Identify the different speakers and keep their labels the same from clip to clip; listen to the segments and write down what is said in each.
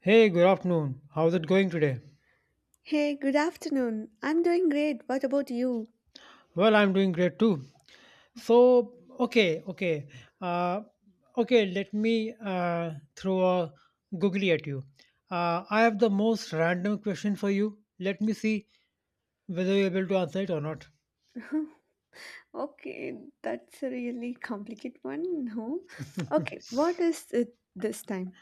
Speaker 1: Hey, good afternoon. How's it going today?
Speaker 2: Hey, good afternoon. I'm doing great. What about you?
Speaker 1: Well, I'm doing great too. So, uh, okay. Let me throw a googly at you. I have the most random question for you. Let me see whether you're able to answer it or not.
Speaker 2: Okay, that's a really complicated one. No. Okay, what is it this time?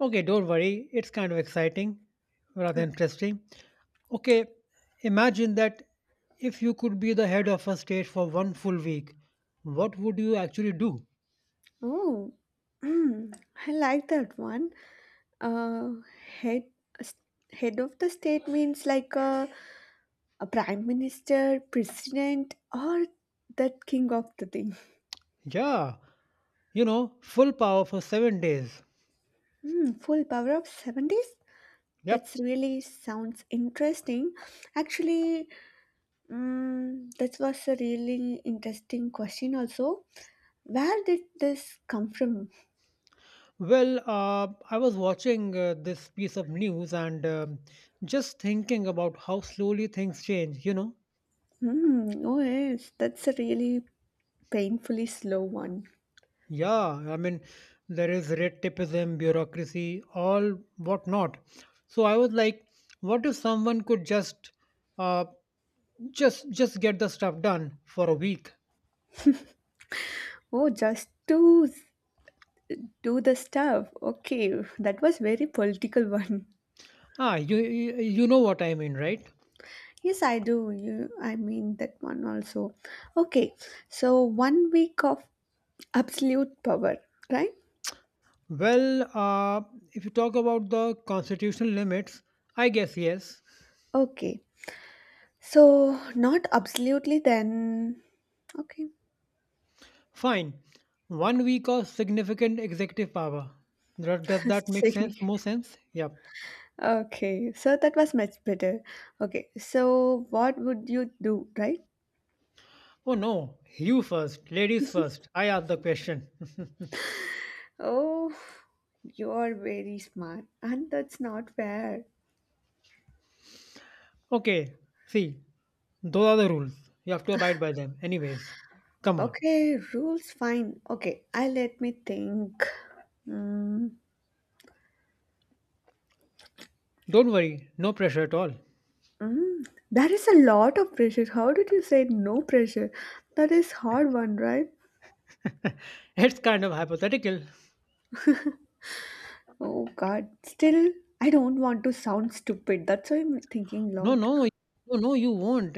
Speaker 1: Okay, don't worry. It's kind of exciting, rather
Speaker 2: Okay.
Speaker 1: interesting. Okay, imagine that if you could be the head of a state for one full week, what would you actually do?
Speaker 2: Oh, mm, I like that one. Uh, head head of the state means like a prime minister, president, or that king of the thing.
Speaker 1: Yeah, full power for 7 days.
Speaker 2: Hmm, full power of 70s?
Speaker 1: Yep.
Speaker 2: That's really sounds interesting. Actually, that was a really interesting question also. Where did this come from?
Speaker 1: Well, I was watching this piece of news and just thinking about how slowly things change, you know?
Speaker 2: Hmm, oh yes, that's a really painfully slow one.
Speaker 1: Yeah, I mean, there is red tapeism, bureaucracy, all whatnot. So I was like, what if someone could uh, just get the stuff done for a week?
Speaker 2: Oh, just to do the stuff. Okay, that was very political one.
Speaker 1: You know what I mean, right?
Speaker 2: Yes, I do. I mean that one also. Okay, so 1 week of absolute power, right?
Speaker 1: Well, if you talk about the constitutional limits, I guess yes.
Speaker 2: Okay, so not absolutely then. Okay,
Speaker 1: Fine. 1 week of significant executive power. Does that make sense?
Speaker 2: Signi.
Speaker 1: More sense? Yep.
Speaker 2: Okay, so that was much better. Okay, so what would you do, right?
Speaker 1: Oh no, you first, ladies first. I asked the question.
Speaker 2: Oh, you're very smart, and that's not fair.
Speaker 1: Okay, see, those are the rules. You have to abide by them. Anyways, come on.
Speaker 2: Okay, rules fine. Okay, I let me think. Mm,
Speaker 1: Don't worry, no pressure at all.
Speaker 2: There is a lot of pressure. How did you say no pressure? That is hard one, right?
Speaker 1: It's kind of hypothetical.
Speaker 2: Oh God. Still, I don't want to sound stupid. That's why I'm thinking
Speaker 1: No,
Speaker 2: lot.
Speaker 1: no, no, no, you won't.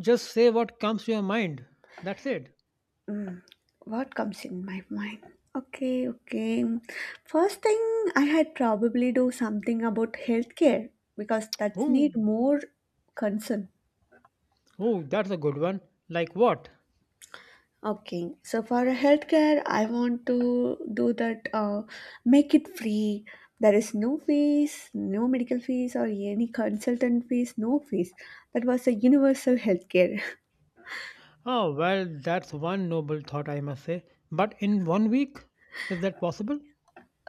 Speaker 1: Just say what comes to your mind. That's it.
Speaker 2: Mm, what comes in my mind? Okay, okay. First thing, I had probably do something about healthcare because that's
Speaker 1: Oh,
Speaker 2: need more concern.
Speaker 1: oh, that's a good one. Like what?
Speaker 2: Okay, so for healthcare, I want to do that. Make it free. There is no fees, no medical fees or any consultant fees, no fees. That was a universal healthcare.
Speaker 1: Oh, well, that's one noble thought, I must say. But in 1 week? Is that possible?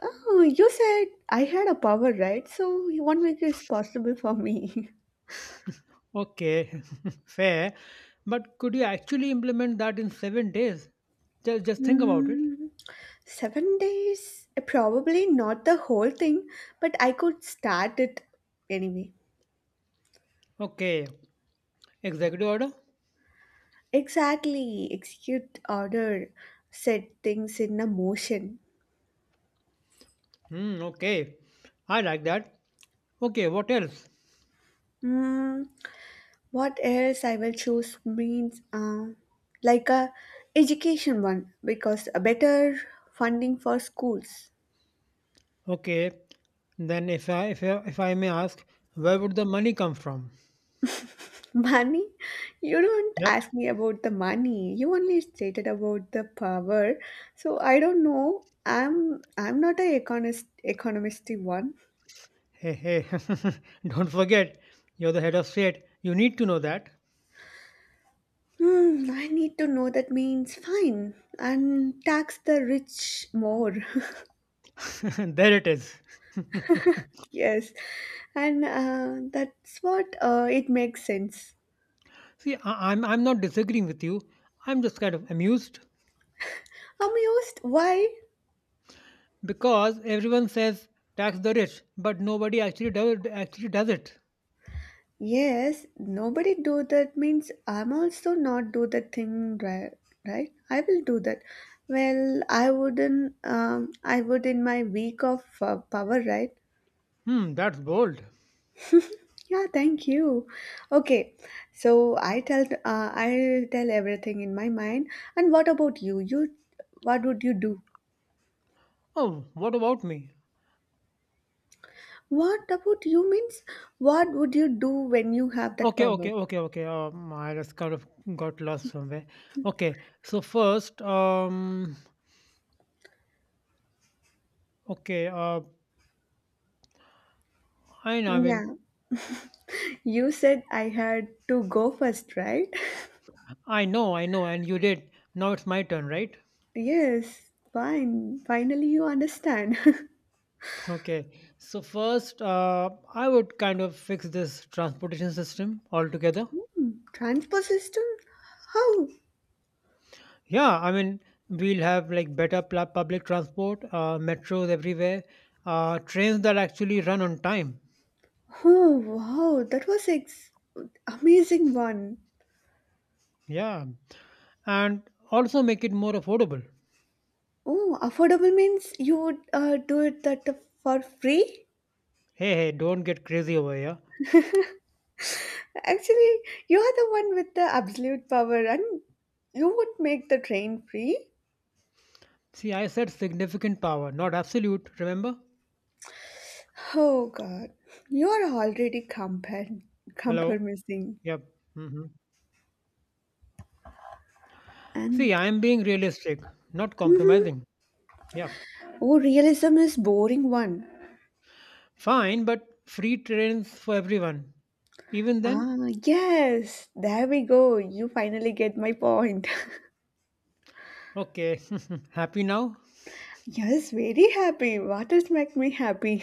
Speaker 2: Oh, you said I had a power, right? So one make is possible for me.
Speaker 1: Okay, fair. But could you actually implement that in 7 days? Just think about it.
Speaker 2: Mm, 7 days? Probably not the whole thing, but I could start it anyway.
Speaker 1: Okay, executive order?
Speaker 2: Exactly. Execute order. Set things in a motion.
Speaker 1: Hmm, okay. I like that. Okay, what else?
Speaker 2: Mm, what else I will choose means like a education one because a better funding for schools.
Speaker 1: Okay, then if I may ask, where would the money come from?
Speaker 2: Money? You don't
Speaker 1: Yep.
Speaker 2: ask me about the money. You only stated about the power. So I don't know. I'm not a economist one.
Speaker 1: Hey, hey, don't forget, you're the head of state. You need to know that.
Speaker 2: Hmm, I need to know that means fine and tax the rich more.
Speaker 1: There it is.
Speaker 2: Yes, and that's what it makes sense.
Speaker 1: See, I'm not disagreeing with you. I'm just kind of amused
Speaker 2: Amused? Why?
Speaker 1: because everyone says tax the rich, but nobody actually does it.
Speaker 2: Yes, nobody do that means I'm also not do the thing right, right? I will do that. Well, I wouldn't. I would in my week of power, right?
Speaker 1: Hmm, that's bold.
Speaker 2: Yeah, thank you. Okay, so I tell everything in my mind. And what about you? What would you do?
Speaker 1: Oh, what about me?
Speaker 2: What about you means? What would you do when you have that
Speaker 1: Okay,
Speaker 2: power?
Speaker 1: okay, okay, okay. I just kind of got lost somewhere. Okay, so first, okay, uh, I know, I
Speaker 2: Yeah,
Speaker 1: mean,
Speaker 2: you said I had to go first, right?
Speaker 1: I know, and you did. Now it's my turn, right?
Speaker 2: Yes, fine. Finally, you understand.
Speaker 1: Okay, so first, I would kind of fix this transportation system altogether.
Speaker 2: Hmm, transport system? How?
Speaker 1: Yeah, I mean, we'll have like better public transport, metros everywhere, trains that actually run on time.
Speaker 2: Oh, wow. That was amazing one.
Speaker 1: Yeah, and also make it more affordable.
Speaker 2: Oh, affordable means you would do it that for free?
Speaker 1: Hey, hey, don't get crazy over here.
Speaker 2: Actually, you are the one with the absolute power and you would make the train free?
Speaker 1: See, I said significant power, not absolute, remember?
Speaker 2: Oh, God. You are already
Speaker 1: Hello?
Speaker 2: compromising.
Speaker 1: Yep. Hmm.
Speaker 2: And,
Speaker 1: See, I'm being realistic, not
Speaker 2: hmm,
Speaker 1: compromising. Yeah.
Speaker 2: oh, realism is boring one.
Speaker 1: Fine, but free trains for everyone. Even then?
Speaker 2: Ah, yes, there we go. You finally get my point.
Speaker 1: Okay. Happy now?
Speaker 2: Yes, very happy. Waters make me happy.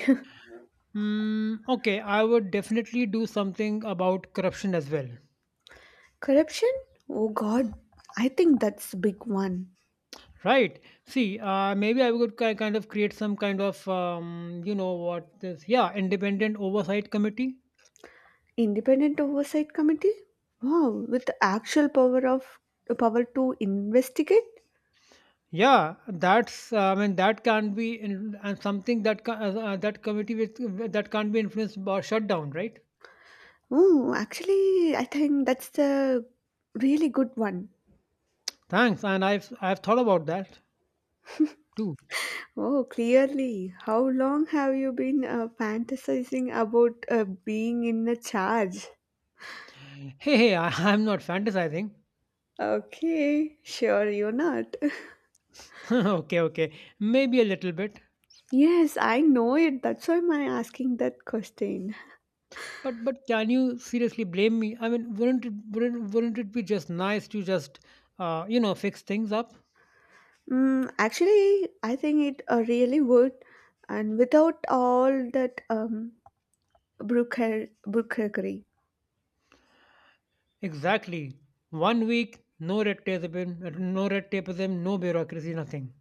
Speaker 1: Okay, I would definitely do something about corruption as well.
Speaker 2: Corruption? Oh god, I think that's a big one.
Speaker 1: Right. See, maybe I would kind of create some kind of, what this, yeah, independent oversight committee.
Speaker 2: Independent Oversight Committee? Wow, with the actual power of the power to investigate?
Speaker 1: Yeah, that's, I mean, that can be in, and something that that committee with, that can't be influenced or shut down, right?
Speaker 2: Oh, actually, I think that's the really good one.
Speaker 1: Thanks, and I've thought about that too.
Speaker 2: Oh, clearly. How long have you been fantasizing about being in a charge?
Speaker 1: Hey, hey, I'm not fantasizing.
Speaker 2: Okay, sure, you're not.
Speaker 1: Okay, maybe a little bit.
Speaker 2: Yes, I know it. That's why I'm asking that question.
Speaker 1: But can you seriously blame me? I mean, wouldn't it be just nice to just fix things up?
Speaker 2: Actually, I think it really would, and without all that brokerage.
Speaker 1: Exactly. 1 week, no red tape, no red tapeism, no bureaucracy, nothing.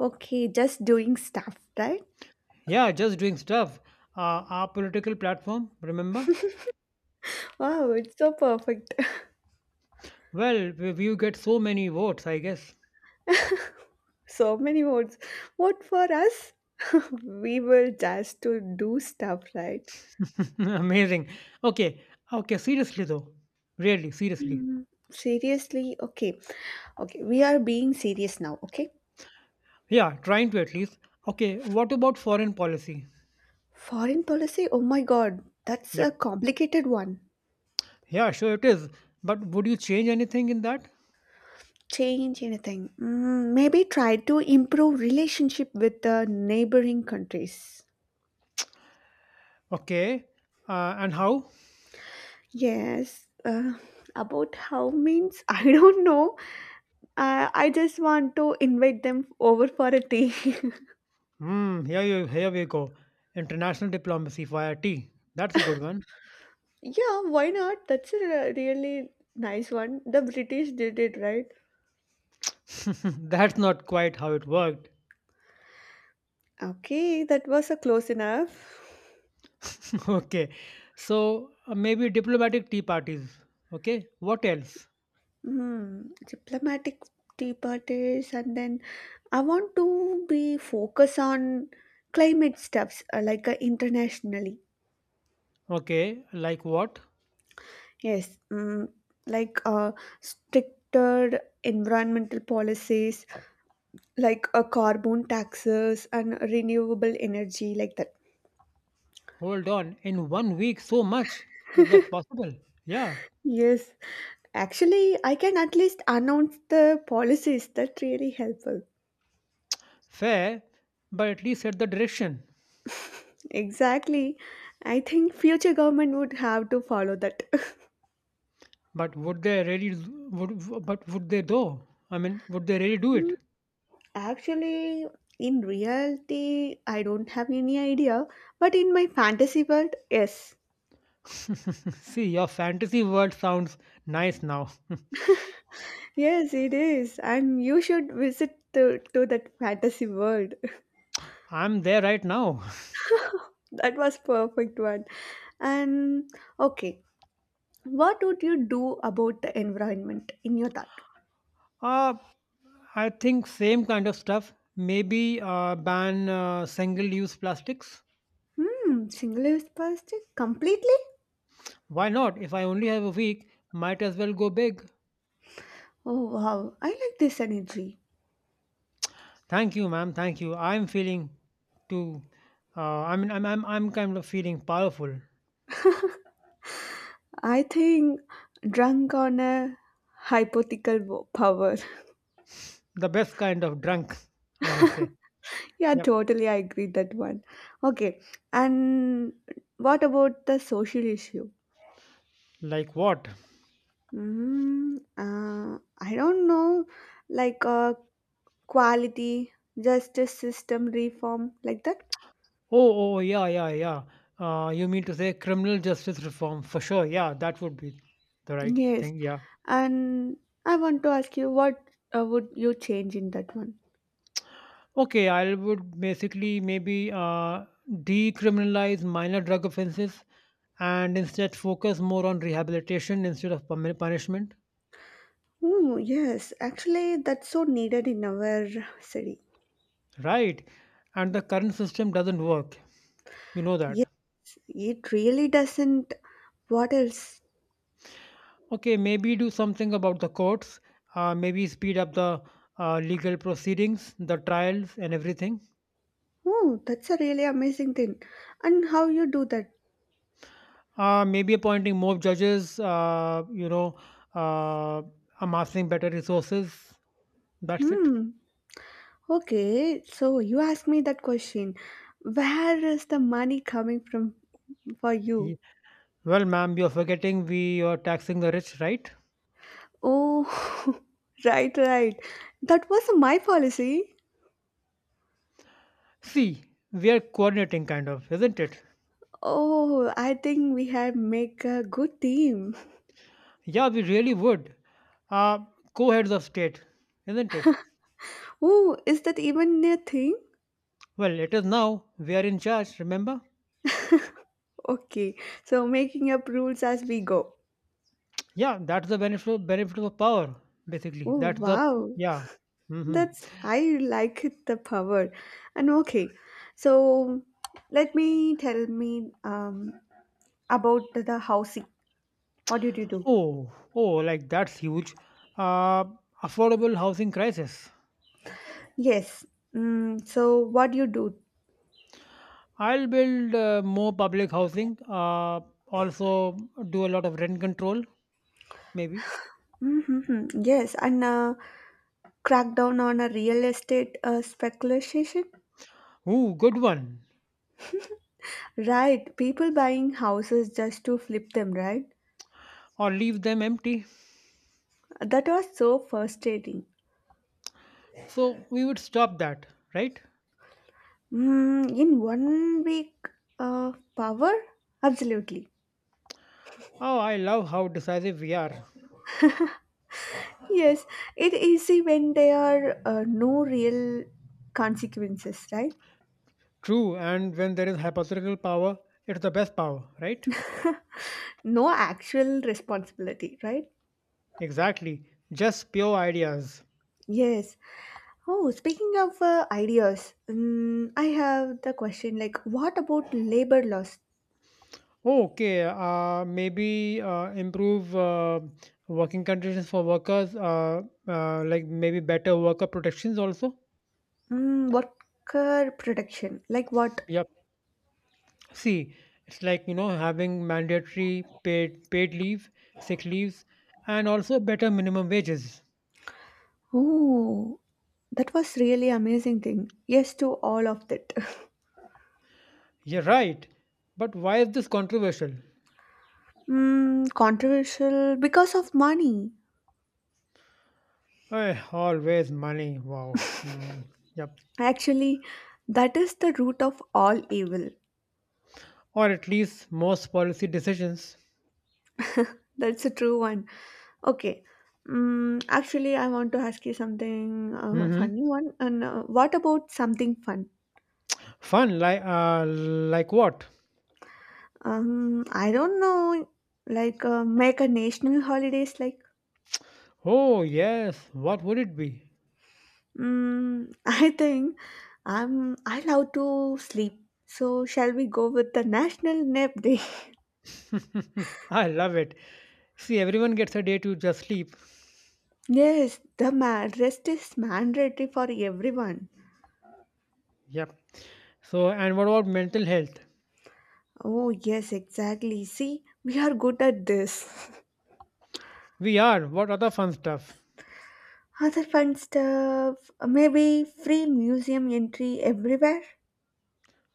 Speaker 2: Okay, just doing stuff, right?
Speaker 1: Yeah, just doing stuff. Our political platform, remember?
Speaker 2: Wow, it's so perfect.
Speaker 1: Well, we get so many votes, I guess.
Speaker 2: So many words. What for us? We were just to do stuff, right?
Speaker 1: Amazing. Okay, okay. Seriously though, really, seriously.
Speaker 2: Seriously, okay, okay. We are being serious now, okay?
Speaker 1: Yeah, trying to at least. Okay, what about foreign policy?
Speaker 2: Foreign policy? Oh my god, that's a
Speaker 1: Yep.
Speaker 2: complicated one.
Speaker 1: Yeah, sure it is. But would you change anything in that?
Speaker 2: Change anything. Maybe try to improve relationship with the neighboring countries.
Speaker 1: Okay. And how?
Speaker 2: Yes, about how means I don't know. I just want to invite them over for a tea.
Speaker 1: Hmm, here we go. International diplomacy via tea. That's a good one.
Speaker 2: Yeah, why not? That's a really nice one. The British did it, right?
Speaker 1: That's not quite how it worked.
Speaker 2: Okay, that was a close enough.
Speaker 1: Okay. So maybe diplomatic tea parties. Okay. What else?
Speaker 2: Hmm, diplomatic departures, and then I want to be focus on climate stuffs like internationally.
Speaker 1: Okay. Like what?
Speaker 2: Yes, like stricter environmental policies, like carbon taxes and renewable energy, like that.
Speaker 1: Hold on. In 1 week, so much. Is that possible? Yeah.
Speaker 2: Yes, actually, I can at least announce the policies that really helpful.
Speaker 1: Fair, but at least set the direction.
Speaker 2: Exactly, I think future government would have to follow that.
Speaker 1: But would they really but would they though? I mean, would they really do it?
Speaker 2: Actually, in reality, I don't have any idea, but in my fantasy world, yes.
Speaker 1: See, your fantasy world sounds nice now.
Speaker 2: Yes, it is. And you should visit to that fantasy world.
Speaker 1: I'm there right now.
Speaker 2: That was perfect one. And okay, what would you do about the environment in your thought?
Speaker 1: Uh, I think same kind of stuff. Maybe ban single-use plastics.
Speaker 2: Hmm, single use plastic completely?
Speaker 1: Why not? If I only have a week, might as well go big.
Speaker 2: Oh wow, I like this energy.
Speaker 1: Thank you, ma'am. Thank you. I'm feeling too. I mean, I'm kind of feeling powerful.
Speaker 2: I think drunk on a hypothetical power.
Speaker 1: The best kind of drunk, I must say.
Speaker 2: Yeah,
Speaker 1: Yep.
Speaker 2: totally. I agree that one. Okay, and what about the social issue?
Speaker 1: Like what?
Speaker 2: I don't know, like quality, justice system reform, like that.
Speaker 1: Oh, yeah, yeah, yeah. You mean to say criminal justice reform for sure? Yeah, that would be the right
Speaker 2: Yes,
Speaker 1: thing. Yeah.
Speaker 2: and I want to ask you, what would you change in that one?
Speaker 1: Okay, I would basically maybe decriminalize minor drug offenses and instead focus more on rehabilitation instead of punishment.
Speaker 2: Oh, yes, actually, that's so needed in our city.
Speaker 1: Right. And the current system doesn't work. You know that.
Speaker 2: Yes, it really doesn't. What else?
Speaker 1: Okay, maybe do something about the courts. Maybe speed up the legal proceedings, the trials, and everything.
Speaker 2: Oh, that's a really amazing thing. And how you do that?
Speaker 1: Maybe appointing more judges, uh, amassing better resources. That's it.
Speaker 2: Hmm. Okay, so you asked me that question. Where is the money coming from for you?
Speaker 1: Ye- Well, ma'am, you're forgetting we are taxing the rich, right?
Speaker 2: Oh, right, right. That was my policy.
Speaker 1: See, we are coordinating, kind of, isn't it?
Speaker 2: Oh, I think we have make a good team.
Speaker 1: Yeah, we really would. Uh, Co heads of state, isn't it?
Speaker 2: Oh, is that even a thing?
Speaker 1: Well, it is now. We are in charge, remember?
Speaker 2: Okay, so making up rules as we go.
Speaker 1: Yeah, that's the benefit of power, basically.
Speaker 2: Oh,
Speaker 1: That's the,
Speaker 2: wow.
Speaker 1: yeah. Hmm.
Speaker 2: That's I like it the power. And okay, so let me about the housing. What did you do?
Speaker 1: Oh, like that's huge. Uh, Affordable housing crisis.
Speaker 2: Yes. So what do you do?
Speaker 1: I'll build more public housing. Also, do a lot of rent control, maybe.
Speaker 2: Mm-hmm. Yes, and crackdown on a real estate speculation.
Speaker 1: Ooh, good one.
Speaker 2: Right, people buying houses just to flip them, right?
Speaker 1: Or leave them empty.
Speaker 2: That was so frustrating.
Speaker 1: So we would stop that, right?
Speaker 2: In 1 week, power? Absolutely.
Speaker 1: Oh, I love how decisive we are.
Speaker 2: Yes, it is easy when there are no real consequences, right?
Speaker 1: True, and when there is hypothetical power, it's the best power, right?
Speaker 2: No actual responsibility, right?
Speaker 1: Exactly. Just pure ideas.
Speaker 2: Yes. Oh, speaking of ideas, I have the question like, what about labor laws?
Speaker 1: Oh, Okay, maybe improve working conditions for workers, like maybe better worker protections also.
Speaker 2: Worker protection, like what?
Speaker 1: Yep. See, it's like, having mandatory paid leave, sick leaves, and also better minimum wages.
Speaker 2: Oh, that was really amazing thing. Yes to all of that.
Speaker 1: You're right. But why is this controversial?
Speaker 2: Controversial because of money.
Speaker 1: Always money. Wow. Hmm. Yep.
Speaker 2: Actually, that is the root of all evil.
Speaker 1: Or at least most policy decisions.
Speaker 2: That's a true one. Okay. Actually, I want to ask you something
Speaker 1: Hmm.
Speaker 2: funny one. And what about something fun?
Speaker 1: Fun, like what?
Speaker 2: I don't know. Like make a national holidays.
Speaker 1: Oh, yes. What would it be?
Speaker 2: I think I love to sleep. So shall we go with the National Nap Day?
Speaker 1: I love it. See, everyone gets a day to just sleep.
Speaker 2: Yes, the rest is mandatory for everyone.
Speaker 1: Yep. So, and what about mental health?
Speaker 2: Oh yes, exactly. See, we are good at this.
Speaker 1: We are. What other fun stuff?
Speaker 2: Other fun stuff, maybe free museum entry everywhere.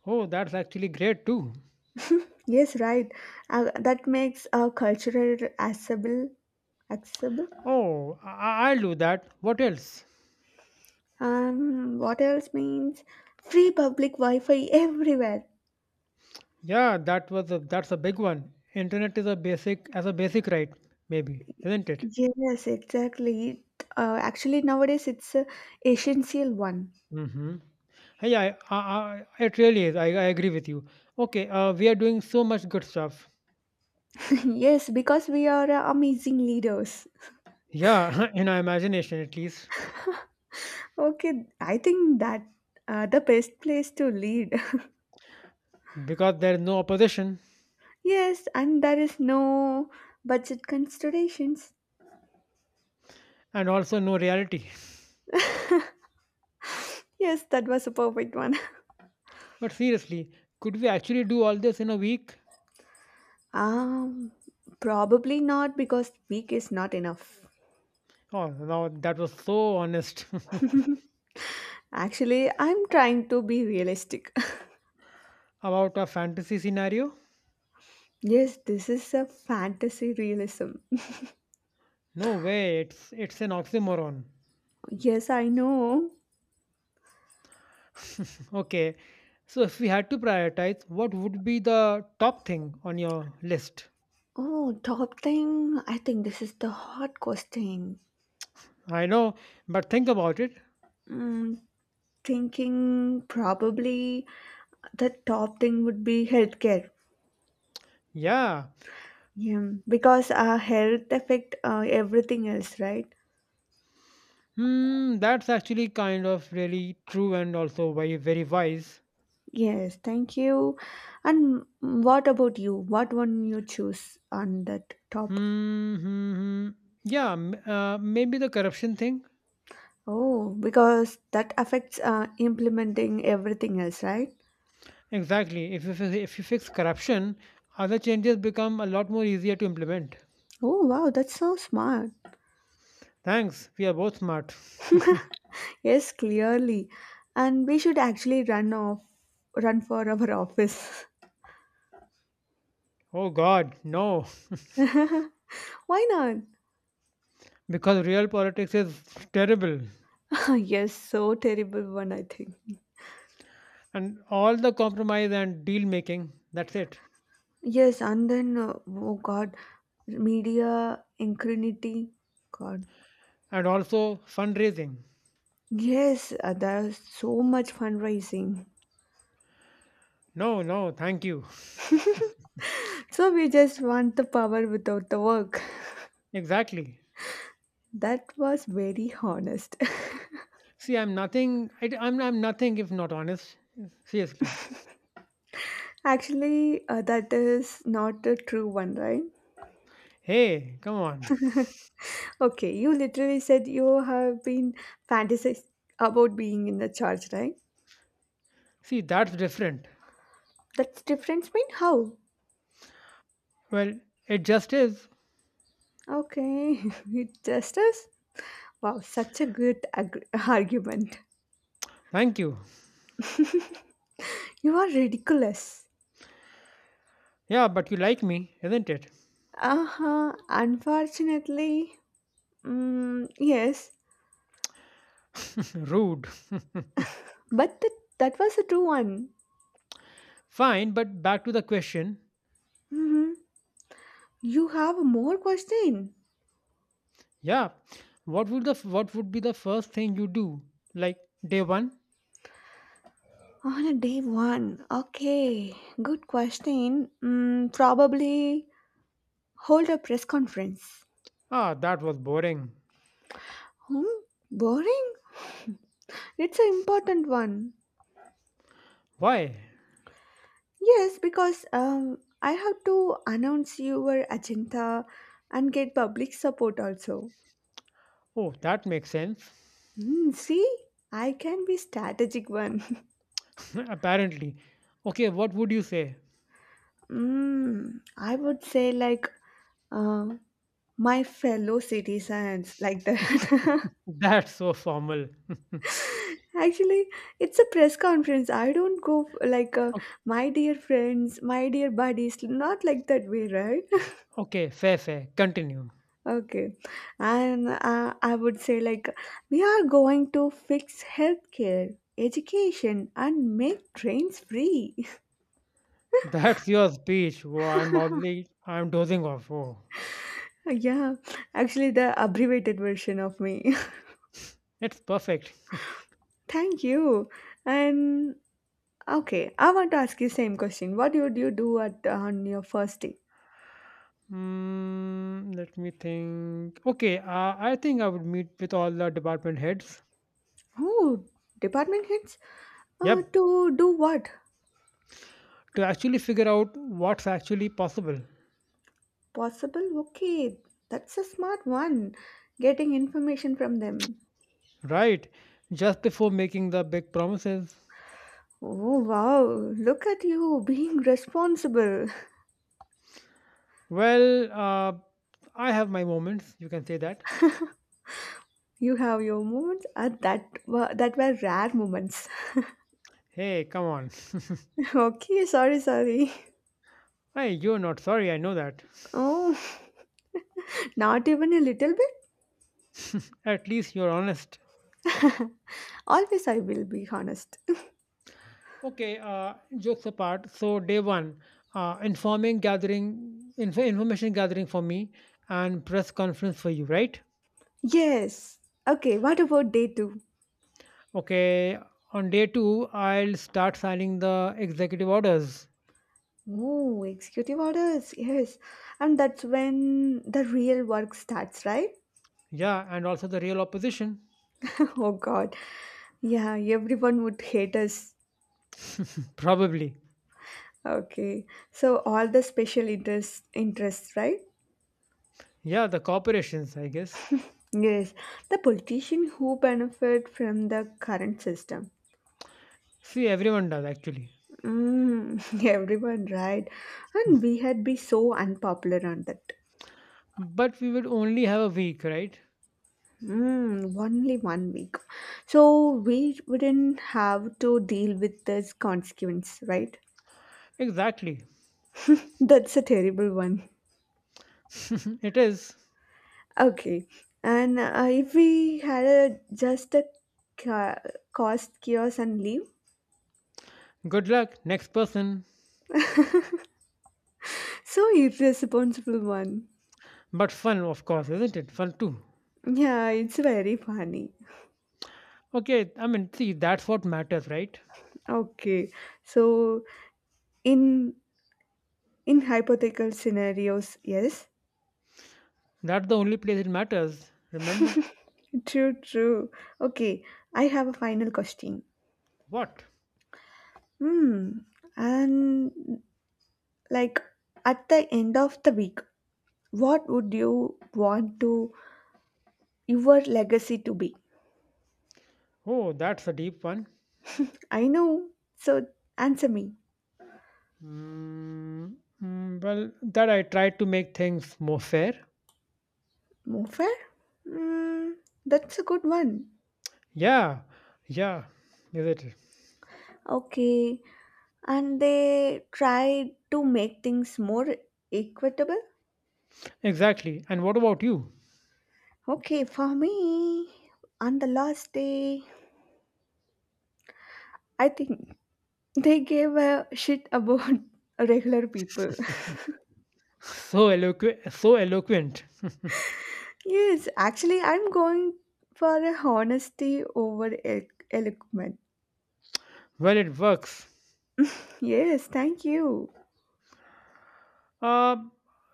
Speaker 1: Oh, that's actually great too.
Speaker 2: Yes, right. That makes a cultural accessible.
Speaker 1: Oh, I'll do that. What else?
Speaker 2: What else means free public Wi-Fi everywhere.
Speaker 1: Yeah, that's a big one. Internet is a basic as a basic right, maybe, isn't it?
Speaker 2: Yes, exactly. Actually, nowadays it's a essential one.
Speaker 1: Mm-hmm. Yeah, it really is. I agree with you. Okay, we are doing so much good stuff.
Speaker 2: Yes, because we are amazing leaders.
Speaker 1: Yeah, in our imagination at least.
Speaker 2: Okay, I think that the best place to lead.
Speaker 1: Because there is no opposition
Speaker 2: Yes, and there is no budget considerations.
Speaker 1: and also no reality.
Speaker 2: Yes, that was a perfect one.
Speaker 1: But seriously, could we actually do all this in a week?
Speaker 2: Um, probably not because week is not enough.
Speaker 1: Oh, now that was so honest.
Speaker 2: Actually, I'm trying to be realistic.
Speaker 1: About a fantasy scenario.
Speaker 2: Yes, this is a fantasy realism.
Speaker 1: No way, it's an oxymoron.
Speaker 2: Yes, I know.
Speaker 1: Okay, so if we had to prioritize, what would be the top thing on your list?
Speaker 2: Oh, top thing. I think this is the hard question.
Speaker 1: I know, but think about it.
Speaker 2: Mm, thinking probably the top thing would be healthcare.
Speaker 1: Yeah,
Speaker 2: Yeah, because our health affect everything else, right?
Speaker 1: that's actually kind of really true and also very very wise.
Speaker 2: Yes, thank you. And what about you? What one you choose on that top?
Speaker 1: Hmm, hmm, hmm. Yeah, maybe the corruption thing.
Speaker 2: Oh, because that affects implementing everything else, right?
Speaker 1: Exactly. If you fix corruption, other changes become a lot more easier to implement.
Speaker 2: Oh, wow, that's so smart.
Speaker 1: Thanks. We are both smart.
Speaker 2: Yes, clearly. And we should actually run for our office.
Speaker 1: Oh God, no.
Speaker 2: Why not?
Speaker 1: Because real politics is terrible,
Speaker 2: Yes, so terrible one, I think.
Speaker 1: and all the compromise and deal making. That's it.
Speaker 2: Yes, and then oh God, media incrinity. God,
Speaker 1: And also fundraising.
Speaker 2: yes, there's so much fundraising.
Speaker 1: No, no, thank you.
Speaker 2: So we just want the power without the work.
Speaker 1: Exactly.
Speaker 2: That was very honest.
Speaker 1: See, I'm nothing. I, am I'm nothing if not honest. Seriously.
Speaker 2: Actually, that is not a true one, right?
Speaker 1: Hey, come on.
Speaker 2: Okay, you literally said you have been fantasizing about being in the church, right?
Speaker 1: See, that's different.
Speaker 2: That's difference mean how?
Speaker 1: Well, it just is.
Speaker 2: Okay, it just is. Wow, such a good argument.
Speaker 1: Thank you.
Speaker 2: You are ridiculous.
Speaker 1: Yeah, but you like me, isn't it?
Speaker 2: Uh huh. Unfortunately, yes,
Speaker 1: Rude.
Speaker 2: but that was a true one.
Speaker 1: Fine, but back to the question.
Speaker 2: Hmm. You have more question
Speaker 1: Yeah. What would be the first thing you do? Like day 1?
Speaker 2: on a day one. Okay, good question. Probably hold a press conference.
Speaker 1: That was boring.
Speaker 2: Hmm? Boring. It's an important one.
Speaker 1: Why?
Speaker 2: Yes, because I have to announce your agenda and get public support also.
Speaker 1: Oh, that makes sense.
Speaker 2: See, I can be strategic one.
Speaker 1: Apparently. Okay, what would you say?
Speaker 2: I would say like uh, my fellow citizens like that.
Speaker 1: That's so formal.
Speaker 2: Actually, it's a press conference. I don't go like
Speaker 1: O-
Speaker 2: my dear friends, my dear buddies. Not like that way, right?
Speaker 1: okay, fair. Continue.
Speaker 2: Okay, and I would say like we are going to fix healthcare, education, and make trains free.
Speaker 1: That's your speech. Whoa, I'm only. I'm dozing off. Oh.
Speaker 2: Yeah, actually the abbreviated version of me.
Speaker 1: It's perfect.
Speaker 2: Thank you. And okay, I want to ask you same question. What would you do at on your first day?
Speaker 1: Let me think. Okay, I think I would meet with all the department heads.
Speaker 2: Oh, department heads?
Speaker 1: Yep,
Speaker 2: To do what?
Speaker 1: to actually figure out what's actually possible,
Speaker 2: Possible? Okay, that's a smart one. Getting information from them.
Speaker 1: right? Just before making the big promises.
Speaker 2: Oh wow, look at you being responsible.
Speaker 1: Well, I have my moments, you can say that.
Speaker 2: You have your moments that were rare moments.
Speaker 1: Hey, come on.
Speaker 2: Okay, sorry.
Speaker 1: Hey, you're not sorry, I know that.
Speaker 2: Oh, not even a little
Speaker 1: At least you're honest.
Speaker 2: bit. Always I will be honest.
Speaker 1: Okay, jokes apart. So day 1, information gathering for me, and press conference for you, right?
Speaker 2: Yes. Okay, what about day two?
Speaker 1: Okay. On day 2, I'll start signing the executive orders.
Speaker 2: Oh, executive orders. Yes. And that's when the real work starts, right?
Speaker 1: Yeah, and also the real opposition,
Speaker 2: Oh, God. Yeah, everyone would hate us.
Speaker 1: probably.
Speaker 2: Okay. So, all the interests, right?
Speaker 1: Yeah, the corporations, I guess.
Speaker 2: Yes. The politician who benefit from the current system.
Speaker 1: See, everyone does actually.
Speaker 2: Mm, everyone, right? And we had be so unpopular on that.
Speaker 1: But we would only have a week, right?
Speaker 2: Mm, only 1 week. So we wouldn't have to deal with this consequence, right?
Speaker 1: Exactly.
Speaker 2: That's a terrible one.
Speaker 1: It is.
Speaker 2: Okay. And if we had a ca- cost chaos and leave,
Speaker 1: Good luck, next person.
Speaker 2: so irresponsible one.
Speaker 1: But fun, of course, isn't it? Fun too.
Speaker 2: Yeah, it's very funny.
Speaker 1: Okay, I mean, see, that's what matters, right?
Speaker 2: Okay. So in in hypothetical scenarios, yes.
Speaker 1: That's the only place it matters. Remember
Speaker 2: True, true. Okay. I have a final question.
Speaker 1: what?
Speaker 2: Hmm. And like, at the end of the week, what would you want to your legacy to be.
Speaker 1: Oh, that's a deep one.
Speaker 2: I know, so answer me.
Speaker 1: Mm, well, that I tried to make things more fair.
Speaker 2: More fair. Mm, that's a good one.
Speaker 1: Yeah, yeah, is it
Speaker 2: Okay, and they try to make things more equitable.
Speaker 1: exactly? And what about you?
Speaker 2: Okay, for me, on the last day, I think they gave a shit about regular people.
Speaker 1: So eloquent, so eloquent.
Speaker 2: Yes, actually, I'm going for a honesty over eloquent.
Speaker 1: Well, it works.
Speaker 2: Yes, thank you.
Speaker 1: Uh,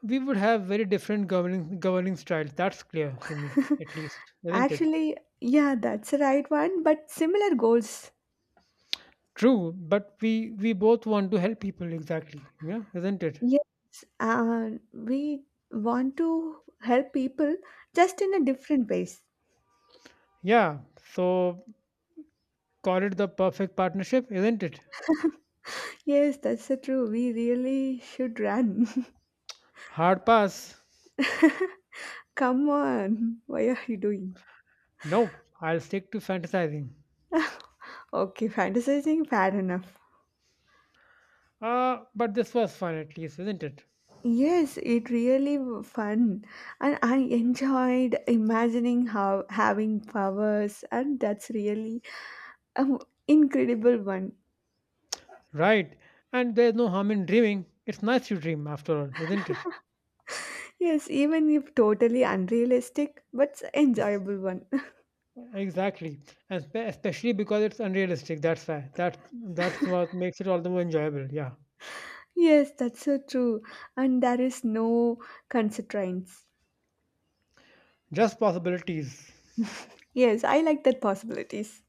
Speaker 1: we would have very different governing styles. That's clear to me, at least, isn't it?
Speaker 2: Actually, yeah, that's the right one, but similar goals.
Speaker 1: True, but we both want to help people exactly. Yeah, isn't it?
Speaker 2: Yes, we want to help people just in a different ways.
Speaker 1: Yeah. So call it the perfect partnership, isn't it?
Speaker 2: Yes, that's the true. We really should run.
Speaker 1: Hard pass.
Speaker 2: Come on. Why are you doing?
Speaker 1: Nope. I'll stick to fantasizing.
Speaker 2: Okay, fantasizing, fair enough.
Speaker 1: But this was fun at least, isn't it?
Speaker 2: Yes, it really fun, and I enjoyed imagining how having powers, and that's really an incredible one.
Speaker 1: Right. And there's no harm in dreaming. It's nice to dream after all, isn't it?
Speaker 2: Yes, even if totally unrealistic, but
Speaker 1: It's,
Speaker 2: enjoyable one.
Speaker 1: exactly. And especially because it's unrealistic. That's why. That's what makes it all the more enjoyable. Yeah.
Speaker 2: Yes, that's so true, and there is no constraints.
Speaker 1: Just possibilities.
Speaker 2: Yes, I like that possibilities.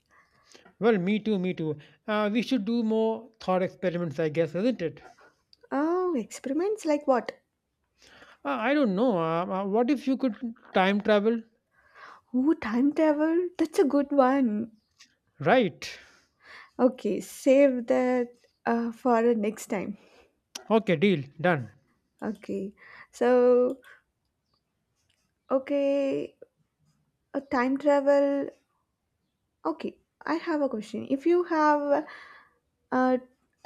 Speaker 1: Well, me too, me too. We should do more thought experiments, I guess, isn't it?
Speaker 2: Oh, experiments like what?
Speaker 1: I don't know. What if you could time travel?
Speaker 2: Oh, time travel. That's a good one.
Speaker 1: Right.
Speaker 2: Okay, save that for next time.
Speaker 1: Okay, deal. Done.
Speaker 2: Okay. So, okay, a time travel. Okay, I have a question. If you have uh,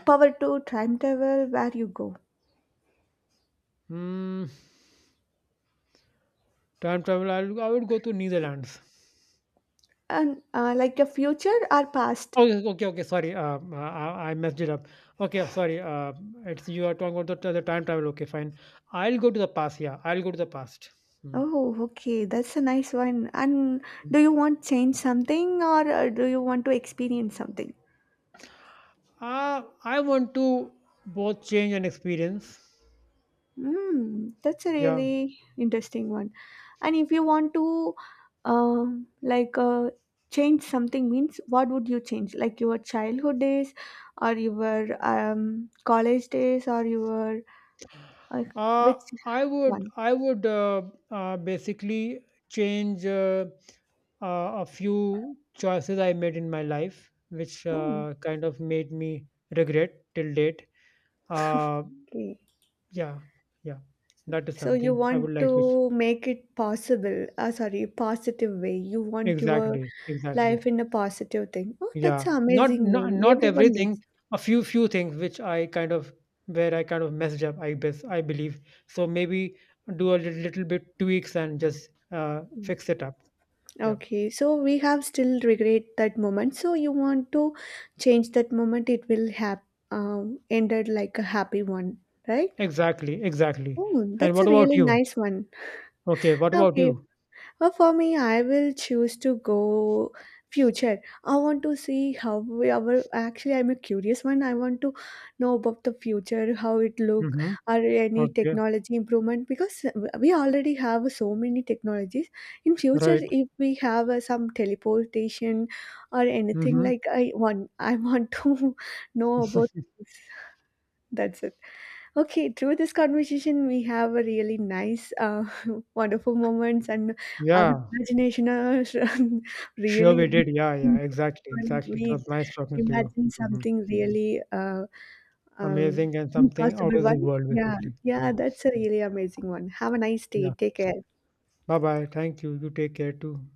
Speaker 2: power to time travel, where you go?
Speaker 1: Mm, Time travel. I would go to Netherlands.
Speaker 2: And like the future or past?
Speaker 1: Oh, yes, okay. Sorry, I messed it up. Okay, sorry. It's you are talking about the time travel. Okay, fine. I'll go to the past. Yeah, I'll go to the past. Mm.
Speaker 2: Oh, okay, that's a nice one. And do you want change something or do you want to experience something?
Speaker 1: I want to both change and experience.
Speaker 2: Mm, that's a
Speaker 1: Yeah.
Speaker 2: really interesting one. And if you want to, um, like, uh, change something, means what would you change? Like your childhood days, or your college days, or your uh,
Speaker 1: Uh,
Speaker 2: which
Speaker 1: I would
Speaker 2: one?
Speaker 1: I would uh, uh, basically change a few choices I made in my life, which
Speaker 2: Oh,
Speaker 1: kind of made me regret till date. Uh,
Speaker 2: okay.
Speaker 1: yeah, yeah, that is
Speaker 2: So you
Speaker 1: something I would
Speaker 2: want
Speaker 1: like to.
Speaker 2: to make it possible. Sorry, positive way. You want your
Speaker 1: Exactly, exactly.
Speaker 2: life in a positive thing. Oh, that's
Speaker 1: Yeah,
Speaker 2: an
Speaker 1: not
Speaker 2: amazing
Speaker 1: not
Speaker 2: one.
Speaker 1: not
Speaker 2: Everyone needs.
Speaker 1: everything. A few things which I kind of where I kind of messed up. I believe so. Maybe do a little bit tweaks and just fix it up. Yeah.
Speaker 2: Okay, so we have still regret that moment. So you want to change that moment, it will have ended like a happy one, right?
Speaker 1: Exactly, exactly.
Speaker 2: Oh,
Speaker 1: And
Speaker 2: that's a
Speaker 1: what about
Speaker 2: really
Speaker 1: you?
Speaker 2: nice one.
Speaker 1: Okay, what about
Speaker 2: Okay,
Speaker 1: you?
Speaker 2: but for me, I will choose to go future. I want to see how we our actually I'm a curious one. I want to know about the future, how it look,
Speaker 1: Mm-hmm.
Speaker 2: or any
Speaker 1: Okay,
Speaker 2: technology improvement because we already have so many technologies. In future,
Speaker 1: right.
Speaker 2: if we have some teleportation or anything
Speaker 1: Mm-hmm.
Speaker 2: like I want, to know about. This. That's it. Okay, through this conversation, we have a really nice, wonderful moments, and our
Speaker 1: Yeah,
Speaker 2: imagination is
Speaker 1: sure
Speaker 2: really
Speaker 1: we did. Yeah, yeah, exactly,
Speaker 2: when
Speaker 1: exactly. It
Speaker 2: we
Speaker 1: was nice talking to you.
Speaker 2: imagine
Speaker 1: Mm-hmm.
Speaker 2: something really um,
Speaker 1: Amazing and something out
Speaker 2: impossible
Speaker 1: of the
Speaker 2: one.
Speaker 1: world,
Speaker 2: Yeah,
Speaker 1: basically.
Speaker 2: yeah,
Speaker 1: Mm.
Speaker 2: that's a really amazing one. Have a nice day.
Speaker 1: Yeah.
Speaker 2: Take care.
Speaker 1: Bye bye. Thank you. You take care too.